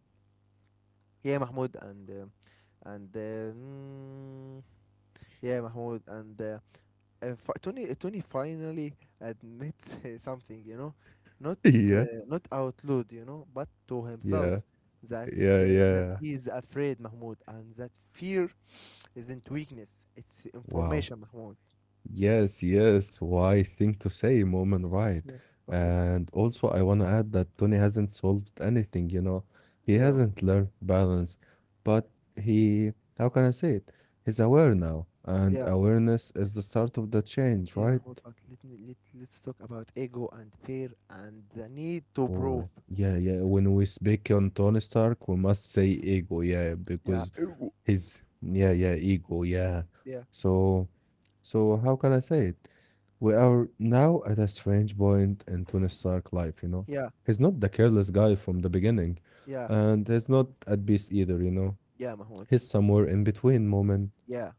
Yeah, Mahmoud, yeah, Mahmoud, and Tony finally admits something, you know, not Yeah, not out loud, you know, but to himself yeah, that yeah, that yeah. he is afraid, Mahmoud, and that fear isn't weakness; it's Wow. information, Mahmoud. Yes, yes. Why thing to say, moment, right? Yeah. Okay. And also, I want to add that Tony hasn't solved anything, you know. He Yeah. hasn't learned balance, but he, how can I say it? He's aware now, and Yeah. awareness is the start of the change, Yeah, right? Mahmoud. But let me let let's talk about ego and fear and the need to Oh, prove. yeah, yeah. When we speak on Tony Stark, we must say ego, yeah, Yeah. because Ego. his, yeah, yeah, ego, yeah. Yeah. So, so how can I say it? We are now at a strange point in Tony Stark life, you know. Yeah. He's not the careless guy from the beginning, Yeah. and he's not at peace either, you know. Yeah, Mahmoud. He's somewhere in between moment. Yeah.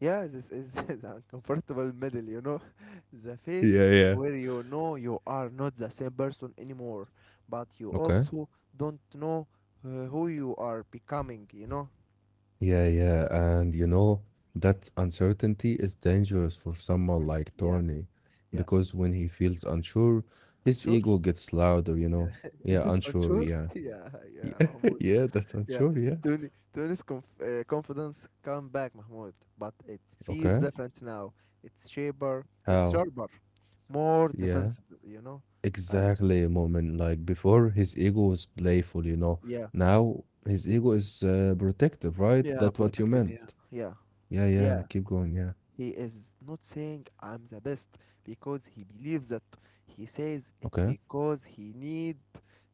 Yeah, this is the uncomfortable middle, you know, the Yeah, phase yeah. where you know you are not the same person anymore, but you Okay. also don't know who you are becoming, you know? Yeah, yeah, and you know, that uncertainty is dangerous for someone like Yeah, Tony yeah. because when he feels unsure, his ego Unsure? gets louder, you know. Yeah. Is Yeah, this unsure, unsure? yeah. Yeah, yeah, Yeah, Mahmoud. yeah, that's Yeah. unsure, yeah. Tony's confidence come back, Mahmoud, but it feels Okay. different now. It's sharper, How? More Yeah, defensive, you know? And exactly, moment. Like before, his ego was playful, you know. yeah, Now his ego is protective, right? yeah, That's what you protective, meant. yeah, yeah. Yeah, Yeah, yeah, keep going, yeah. he is not saying I'm the best because he believes that. He says it Okay. because he need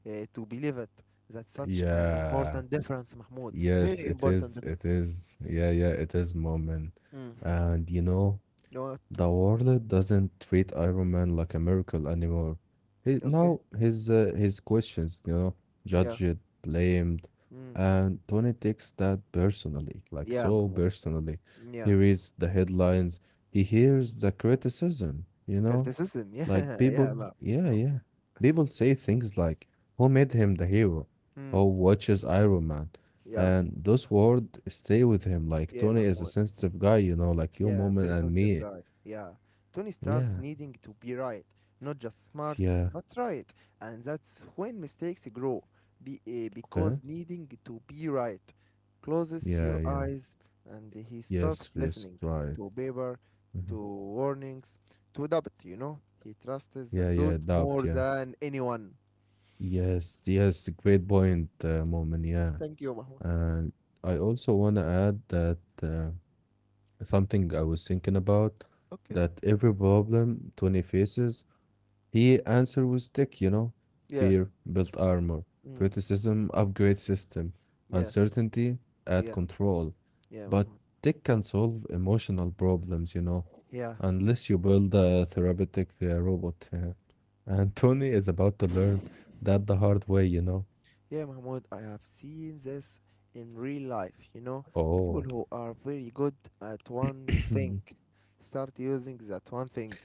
to believe it. That's such an Yeah. important difference, Mahmoud. Yes, Very it important is. It difference. is. Yeah, yeah, it is moment. Mm. And you know, Oh, the world doesn't treat Iron Man like a miracle anymore. He, now okay. His questions, you know, Yeah. judged, blamed, Mm. and Tony takes that personally, like Yeah, so Mahmoud. personally. He Yeah. reads the headlines, he hears the criticism, you know, Criticism. like Yeah, people, yeah, yeah, yeah, Mahmoud. people say things like, "Who made him the hero?" Mm. Who watches Iron Man? Yeah. And those words stay with him. Like Yeah, Tony is a Mahmoud. sensitive guy, you know, like you, Yeah, Moment, very and me. sensitive guy. Yeah. Tony Yeah, starts needing to be right, not just smart, yeah, but right. And that's when mistakes grow, okay. because needing to be right closes Yeah, your yeah. eyes and he Yes, stops yes, listening right. to paper, Mhm. to warnings, to doubt, you know? He trusts Yeah, the yeah, suit doubt, yeah. more than anyone. Yes, yes, great point, Moment. Yeah. Thank you, Mahmoud. And I also want to add that something I was thinking about Okay. that every problem 20 faces. He answered with tech, you know. Yeah. Fear built armor, Mm. criticism upgrade system, Yeah. uncertainty add Yeah. control. Yeah, But Mahmoud. tech can solve emotional problems, you know, Yeah. unless you build a therapeutic robot. Yeah. And Tony is about to learn that the hard way, you know. Yeah, Mahmoud, I have seen this in real life. You know, people Oh, who are very good at one thing start using that one thing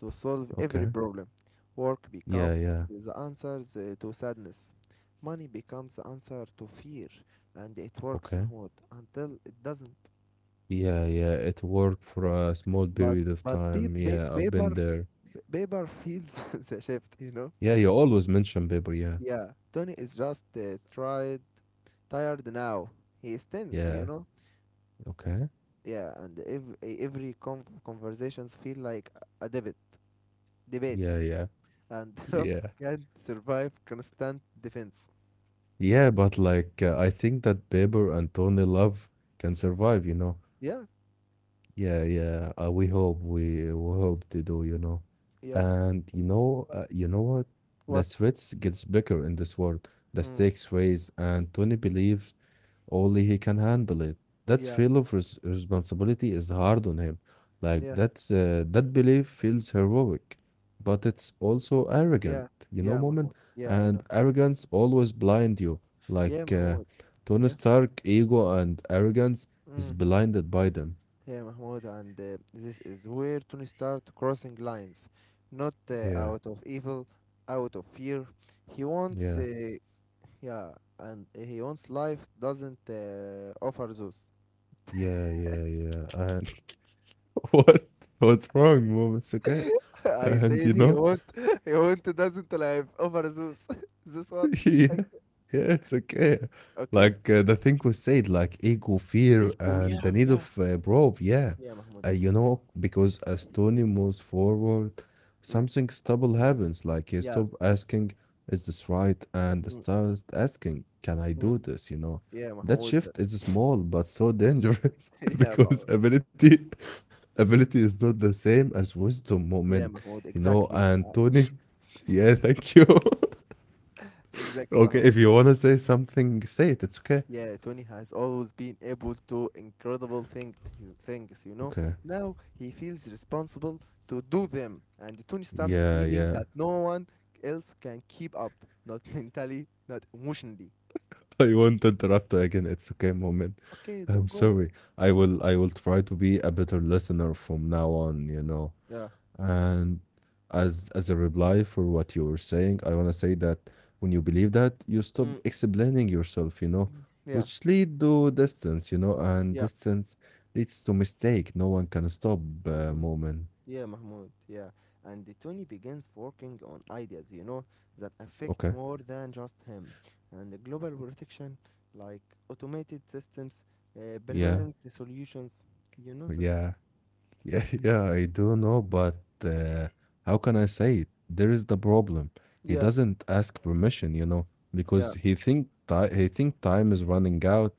to solve okay. every problem. Work Yeah, becomes yeah. the answer to sadness. Money becomes the answer to fear, and it works, Okay. Mahmoud, until it doesn't. Yeah, yeah. It worked for a small But period of but time. pe- Yeah, I've pe- been paper there. paper feels the shift. You Yeah, know. you always mention paper. Yeah, Yeah, Tony is just tried tired now. He is tense, you yeah. know. Okay. Yeah, and every conversations feel like a debate Yeah, debate yeah, and yeah. love can't survive constant defense. Yeah, but like I think that Bieber and Tony Love can survive, you know. Yeah, Yeah, yeah. We hope to do, you know. yeah. And you know what? The What? threats gets bigger in this world. The Mm, stakes raise, and Tony believes only he can handle it. That yeah, feel of responsibility is hard on him. Like yeah, that's that belief feels heroic, but it's also arrogant, yeah, you know, yeah, Moment. Mahmoud, yeah, I And know. arrogance always blind you. Like Yeah, Mahmoud, Tony yeah, Stark, ego and arrogance is mm, blinded by them. yeah, Mahmoud, and this is where Tony start crossing lines not Yeah, out of evil, out of fear. He wants yeah, yeah, and he wants life doesn't offer those. yeah, yeah, yeah. And what? What's wrong, Moment? It's okay. And I you said know. he won't he won't doesn't live over Zeus. Zeus what? Yeah, Like yeah, it's okay. okay. Like the thing we said, like ego, fear, Eco, and yeah, the need yeah. of proof. Yeah, Yeah, Mahmoud. You know, because as Tony moves forward, Mm, something stable happens. Like he yeah. stops asking, "Is this right?" and Mm, starts asking, "Can I mm. do this?" You know, Yeah, that Mahmoud. That— shift is small but so dangerous Yeah, because Mahmoud. Ability is not the same as wisdom moment. Yeah, You Mahmoud. know, and Exactly. Tony, yeah, thank you. Exactly, Okay, if Mahmoud. you want to say something, say it. It's okay. Yeah, Tony has always been able to incredible things, you know. Okay. Now he feels responsible to do them, and Tony Yeah, starts yeah. believing that no one else can keep up, not mentally, not emotionally. I won't interrupt again. It's okay, moment. Okay, I'm don't go. sorry. I will try to be a better listener from now on, you know. Yeah. And as a reply for what you were saying, I want to say that when you believe that, you stop Mm, explaining yourself, you know, yeah, which lead to distance, you know, and yeah, distance leads to mistake. No one can stop mm, moment. yeah, Mahmoud, yeah. And Tony begins working on ideas, you know, that affect Okay. more than just him. And the global protection, like automated systems, permanent Yeah. solutions, you know that? Yeah. Yeah, yeah, I do know, but how can I say it? There is the problem. He Yeah, doesn't ask permission, you know, yeah, because he think time is running out.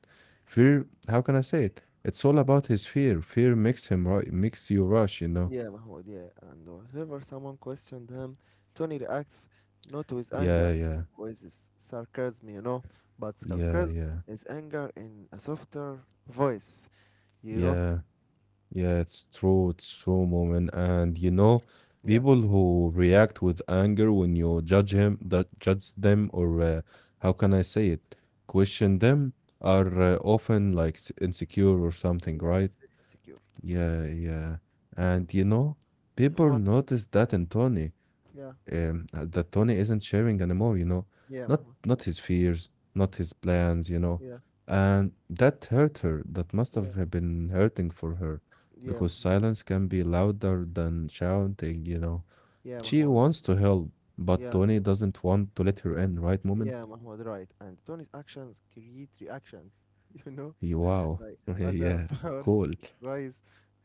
Fear, how can I say it? It's all about his fear. Fear makes him ru makes you rush, you know. yeah, Mahmoud, yeah. And whenever someone questioned him, Tony reacts not with Yeah, anger, yeah, with his sarcasm, you know, but yeah, sarcasm yeah, is anger in a softer voice, you know? yeah. Yeah, it's true. It's true, moment. And you know, Yeah. people who react with anger when you judge him, that judge them, or how can I say it, question them, are often like insecure or something, Yeah, right? very insecure. Yeah, yeah. And you know, people What? notice that in Tony Yeah, that Tony isn't sharing anymore, you know, yeah, not Mahmoud. not his fears, not his plans, you know, Yeah, and that hurt her. That must yeah, have been hurting for her, yeah, because Mahmoud. silence can be louder than shouting, you know. Yeah, She Mahmoud. wants to help, but Yeah, Tony doesn't want to let her in, right, yeah, Moment? Mahmoud. Right. And Tony's actions create reactions. You know, like Wow, other yeah, powers cool, rise,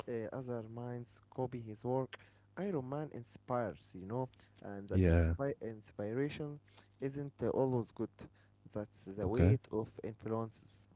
other minds copy his work. Iron Man inspires, you know, and that yeah, inspiration isn't always good. That's the weight okay, of influences.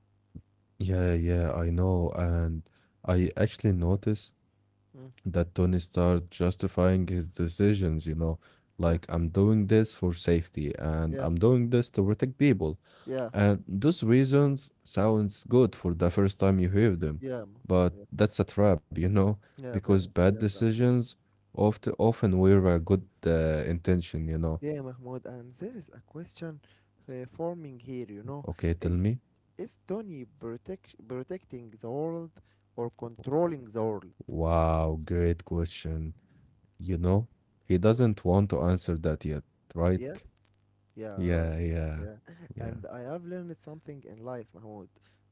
yeah, yeah, I know, and I actually noticed Mm. that Tony starts justifying his decisions, you know, Yeah, like I'm doing this for safety and yeah, I'm doing this to protect people. yeah, And those reasons sounds good for the first time you hear them, yeah, Mahmoud, but yeah, that's a trap, you know, yeah, because very, bad yeah, decisions often wear a good intention, you know. Yeah, Mahmoud, and there is a question forming here, you know. Okay, Is tell me. is Tony protecting the world or controlling the world? Wow, great question. You know, he doesn't want to answer that yet, right? Yeah? Yeah, right. Yeah, Yeah. yeah, And yeah. I have learned something in life, Mahmoud.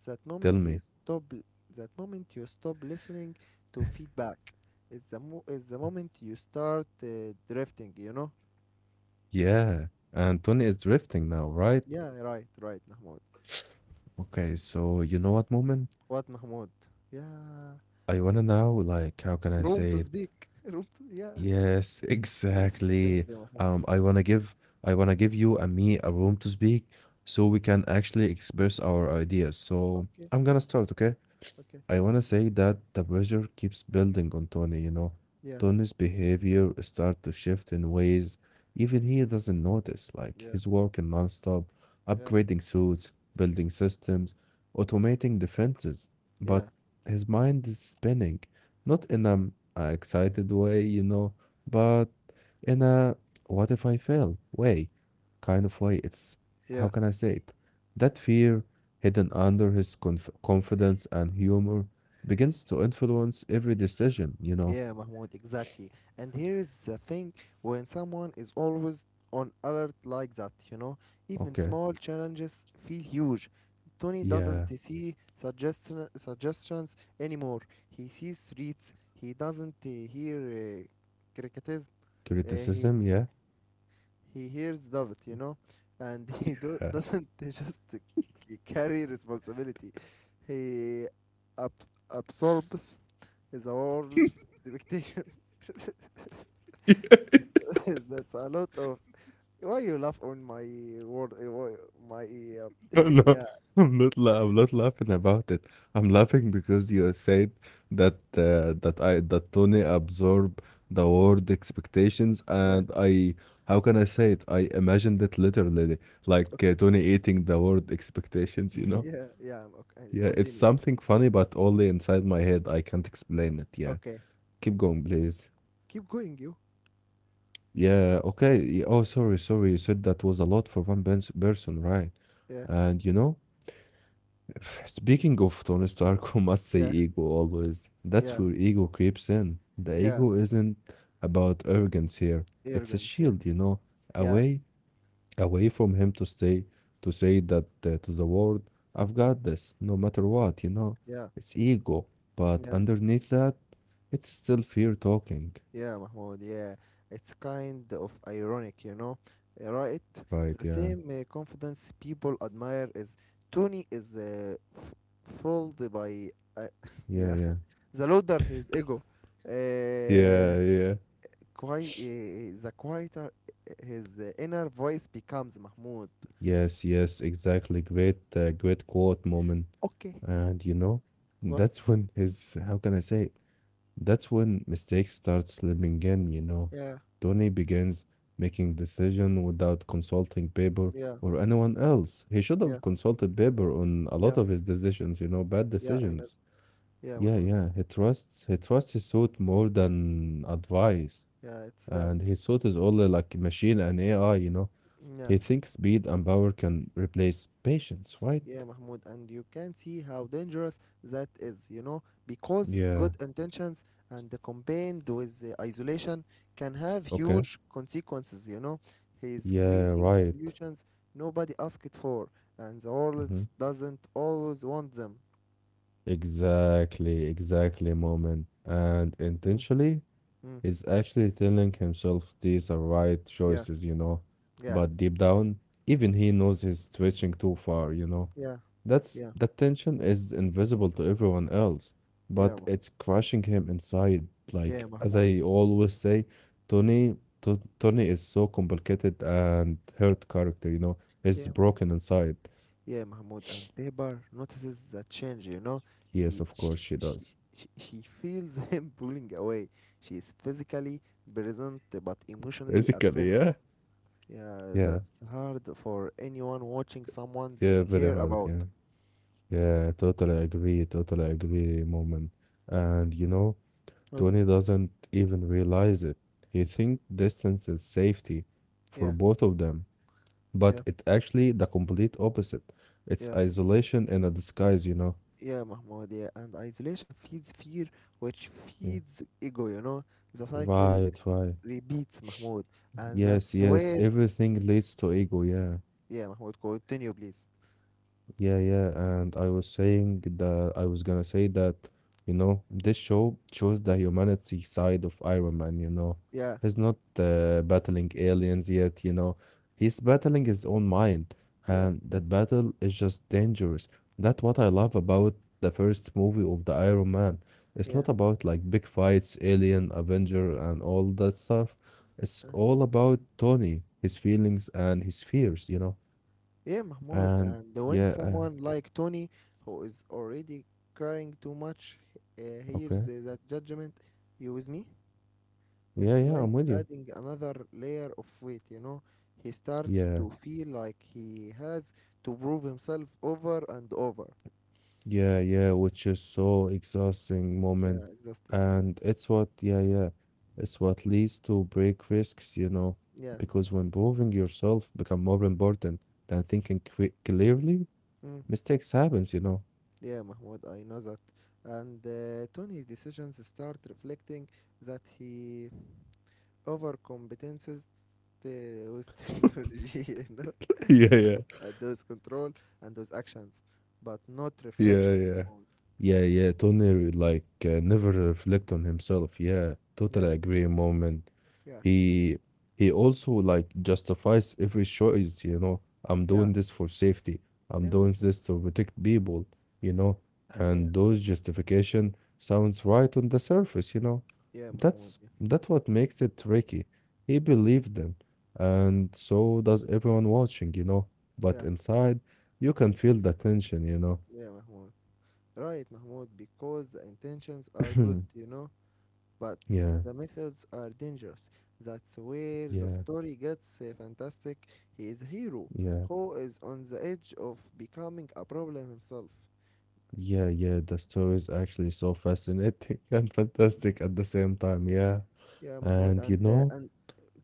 That moment Tell you me. stop l- that moment you stop listening to feedback is is the moment you start drifting, you know? Yeah, and Tony is drifting now, right? Yeah, right, right, Mahmoud. Okay, so you know what, moment? What, Mahmoud? Yeah. I wanna now, like, how can I Room say to it? speak. Room to, yeah. Yes, exactly. Thank you, Um, Mahmoud. I wanna give, I wanna give you and me a room to speak, so we can actually express our ideas. So Okay, I'm gonna start, okay? okay. I want to say that the pressure keeps building on Tony, you know. Yeah, Tony's behavior starts to shift in ways even he doesn't notice, like his yeah, work in nonstop, yeah, upgrading suits, building systems, automating defenses. yeah, But his mind is spinning, not in an excited way, you know, but in a what if I fail way kind of way. It's how yeah, can I say it? That fear hidden under his confidence and humor begins to influence every decision, you know. yeah, Mahmoud, exactly. And here is the thing when someone is always on alert like that, you know, even Okay. small challenges feel huge. Tony doesn't Yeah. see suggestions anymore. He sees threats. He doesn't hear criticism. Uh, Criticism, he yeah. he hears David, you know, and he Yeah. doesn't just carry responsibility. He ab- absorbs the world's expectation. That's a lot of. Why you laugh on my word? Why- My No, yeah, I'm not laughing about it. I'm ok- laughing because you said that that I that Tony absorbed the word expectations and yeah, I how can I say it? I imagined it literally, ok- like Tony eating the word expectations, you know? yeah, yeah. I'm Okay, Yeah, it's continue. something funny, but only inside my head. I can't explain it. Yeah. Okay, Keep going, please. keep going. You. Yeah, okay. Oh, sorry, sorry. You said that was a lot for one person, right? Yeah, And you know, speaking of Tony Stark, who must say yeah, ego always. That's yeah, where ego creeps in. The yeah. ego isn't about arrogance here. It's a shield, Arrogance. you Yeah, know, a yeah, way away from him to stay to say that to the world, I've got this no matter what, you know. yeah, It's ego, but yeah. underneath that, it's still fear talking. Yeah, Mahmoud, yeah. It's kind of ironic, you know, right? Right. The Yeah, same confidence people admire is Tony is f fooled by, uh, yeah, yeah, yeah, the louder his ego, yeah, uh, yeah. The quieter his inner voice becomes, Mahmoud. Yes, yes, exactly. Great great quote, moment. Okay, And you know, what? that's when his, how can I say, that's when mistakes start slipping in, you know. Yeah, Tony begins making decision without consulting Baber yeah, or anyone else. He should have yeah, consulted Baber on a lot yeah, of his decisions, you know, bad yeah, I decisions. know. Yeah, Yeah, Mahmoud. yeah. He trusts his suit more than advice. Yeah, it's And bad. his suit is only like machine and AI, you know. Yeah. He thinks speed and power can replace patience, right? Yeah, Mahmoud, and you can see how dangerous that is, you know, because Yeah. good intentions and the combined with the isolation can have Okay. huge consequences, you know. He is Yeah, creating right. solutions nobody asked for, and the world Mm-hmm. doesn't always want them. Exactly, exactly, moment. And Mm, intentionally, mm, he's actually telling himself these are right choices, yeah, you know. yeah, But deep down, even he knows he's stretching too far, you know. yeah, That's, yeah, that tension is invisible to everyone else, yeah, but Ma- it's crushing him inside. yeah, Like as Mahmoud. I always say, Tony, T Tony is so complicated and hurt character, you know. Yeah, He's broken inside. Yeah, Mahmoud, and Pepper notices the change, you know. He Yes, of course she, she does. She feels him pulling away. She is physically present but emotionally Basically, absent. yeah. Yeah, Yeah. that's hard for anyone watching someone they Yeah, very care hard. about. Yeah, yeah, totally agree. Totally agree, moment. And you know, But Tony doesn't even realize it. He think distance is safety for yeah, both of them, yeah, but it actually the complete opposite. It's yeah, isolation in a disguise, you know. yeah, Mahmoud, yeah. And isolation feeds fear, which Yeah. feeds ego, you know. The cycle Right, right. repeats, Mahmoud. And Yes, that's yes. where, Everything leads to ego. Yeah. yeah, Mahmoud, continue, please. Yeah, yeah, and I was saying that I was gonna say that, you know, this show shows the humanity side of Iron Man, you know. Yeah, He's not battling aliens yet, you know. He's battling his own mind, yeah, and that battle is just dangerous. That's what I love about the first movie of the Iron Man. It's yeah. not about like big fights, Alien, Avenger, and all that stuff. It's all about Tony, his feelings and his fears, you know. Yeah, Mahmoud, And and when yeah, someone like Tony, who is already caring too much, hears okay. That judgment, you with me? Yeah, yeah, It's I'm with like you. adding another layer of weight, you know? He starts Yeah, to feel like he has to prove himself over and over. yeah, yeah, which is so exhausting, Yeah, moment. exhausting, yeah. And it's what, yeah, yeah, it's what leads to break risks, you know, Yeah, because when proving yourself become more important than thinking clearly, mm. mistakes happens, you know. Yeah, Mahmoud, I know that. And Tony's decisions start reflecting that he overcompetences uh, with technology, you know? yeah, yeah. At those control and those actions, but not Yeah, reflection. yeah. Mahmoud. Yeah, yeah. Tony like never reflect on himself. Yeah, Yeah, totally agree, moment. yeah, He he also like justifies every choice, you know. I'm doing yeah, this for safety. I'm yeah, doing this to protect people, you know. yeah, And those justification sounds right on the surface, you know. yeah, Mahmoud. That's what makes it tricky. He believed them, and so does everyone watching, you know. Yeah, yeah, But inside, you can feel the tension, you know. yeah, Mahmoud. Right, Mahmoud, because the intentions are good, you know, but Yeah, the methods are dangerous. That's where yeah, the story gets fantastic. He is a hero yeah, who is on the edge of becoming a problem himself. yeah, yeah. The story is actually so fascinating and fantastic at the same time. Yeah. Yeah, And Mahmoud, you and know, uh, and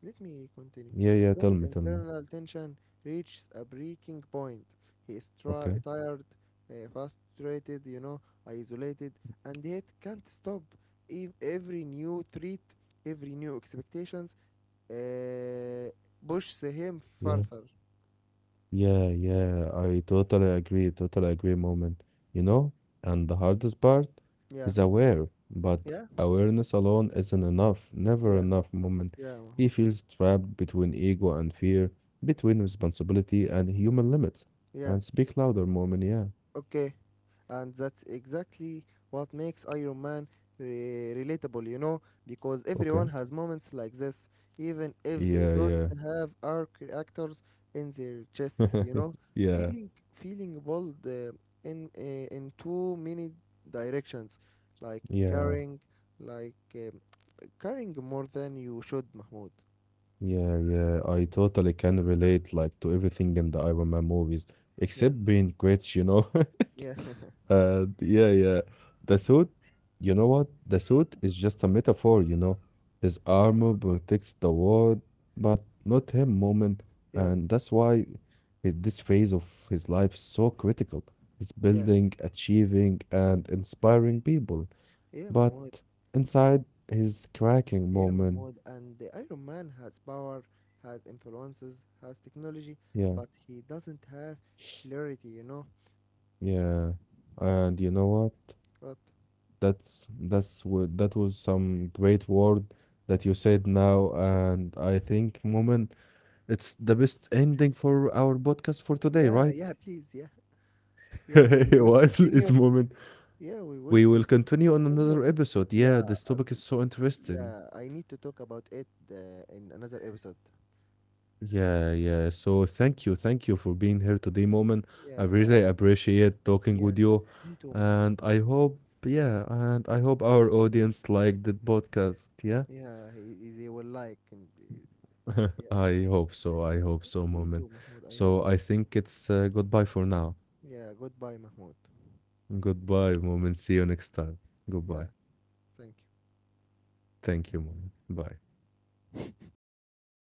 let me yeah, continue. yeah, tell me, tell Tony's me. internal tension reaches a breaking point. He is Okay. tired, frustrated, you know, isolated, and yet can't stop. Every new threat, every new expectations, uh, pushes him Yeah, further. yeah, yeah. I totally agree, moment. You know, and the hardest part Yeah, is aware, but yeah, awareness alone isn't enough, never yeah, enough, moment. yeah, He Mahmoud. feels trapped between ego and fear, between responsibility and human limits. Yeah, And speak louder, moment. Yeah. okay. and that's exactly what makes Iron Man relatable, you know, because everyone has Okay. moments like this, even if they Yeah, don't yeah. have arc actors in their chests, you know, Yeah, feeling bold in in too many directions, like carrying yeah, like um, carrying more than you should, Mahmoud. yeah, yeah. I totally can relate like to everything in the Iron Man movies, Yeah, except being Gretsch, you know. yeah, Yeah, yeah. The suit, you know what? The suit is just a metaphor, you know. His armor protects the world, but not him, moment, and yeah, that's why this phase of his life is so critical. He's yeah, building, achieving, and inspiring people. yeah, But Mahmoud. inside his cracking, Yeah, moment, Mahmoud, and the Iron Man has power, has influences, has technology, yeah, but he doesn't have clarity, you know? yeah. And you know what? But That's what, that was some great word that you said now, and I think, moment, it's the best ending for our podcast for today, yeah, right? yeah, please, yeah, yeah, we will Well, continue. moment. Yeah, We will continue on continue. another episode. Yeah, Yeah, this topic is so interesting. yeah, I need to talk about it in another episode. Yeah, yeah. So thank you for being here today, Moment. I Yeah, I, I, really appreciate talking yeah, with you, me too, Mahmoud. and I hope, yeah, and I hope our audience liked the podcast. Yeah, Yeah, they will like, and I yeah, hope so. I hope so, Moment. me too, Mahmoud. I So I hope that. think it's goodbye for now. Yeah, goodbye, Mahmoud. Goodbye, Moment. See you next time. Yeah, Goodbye. thank Thank you, Moment. Bye. you. Moment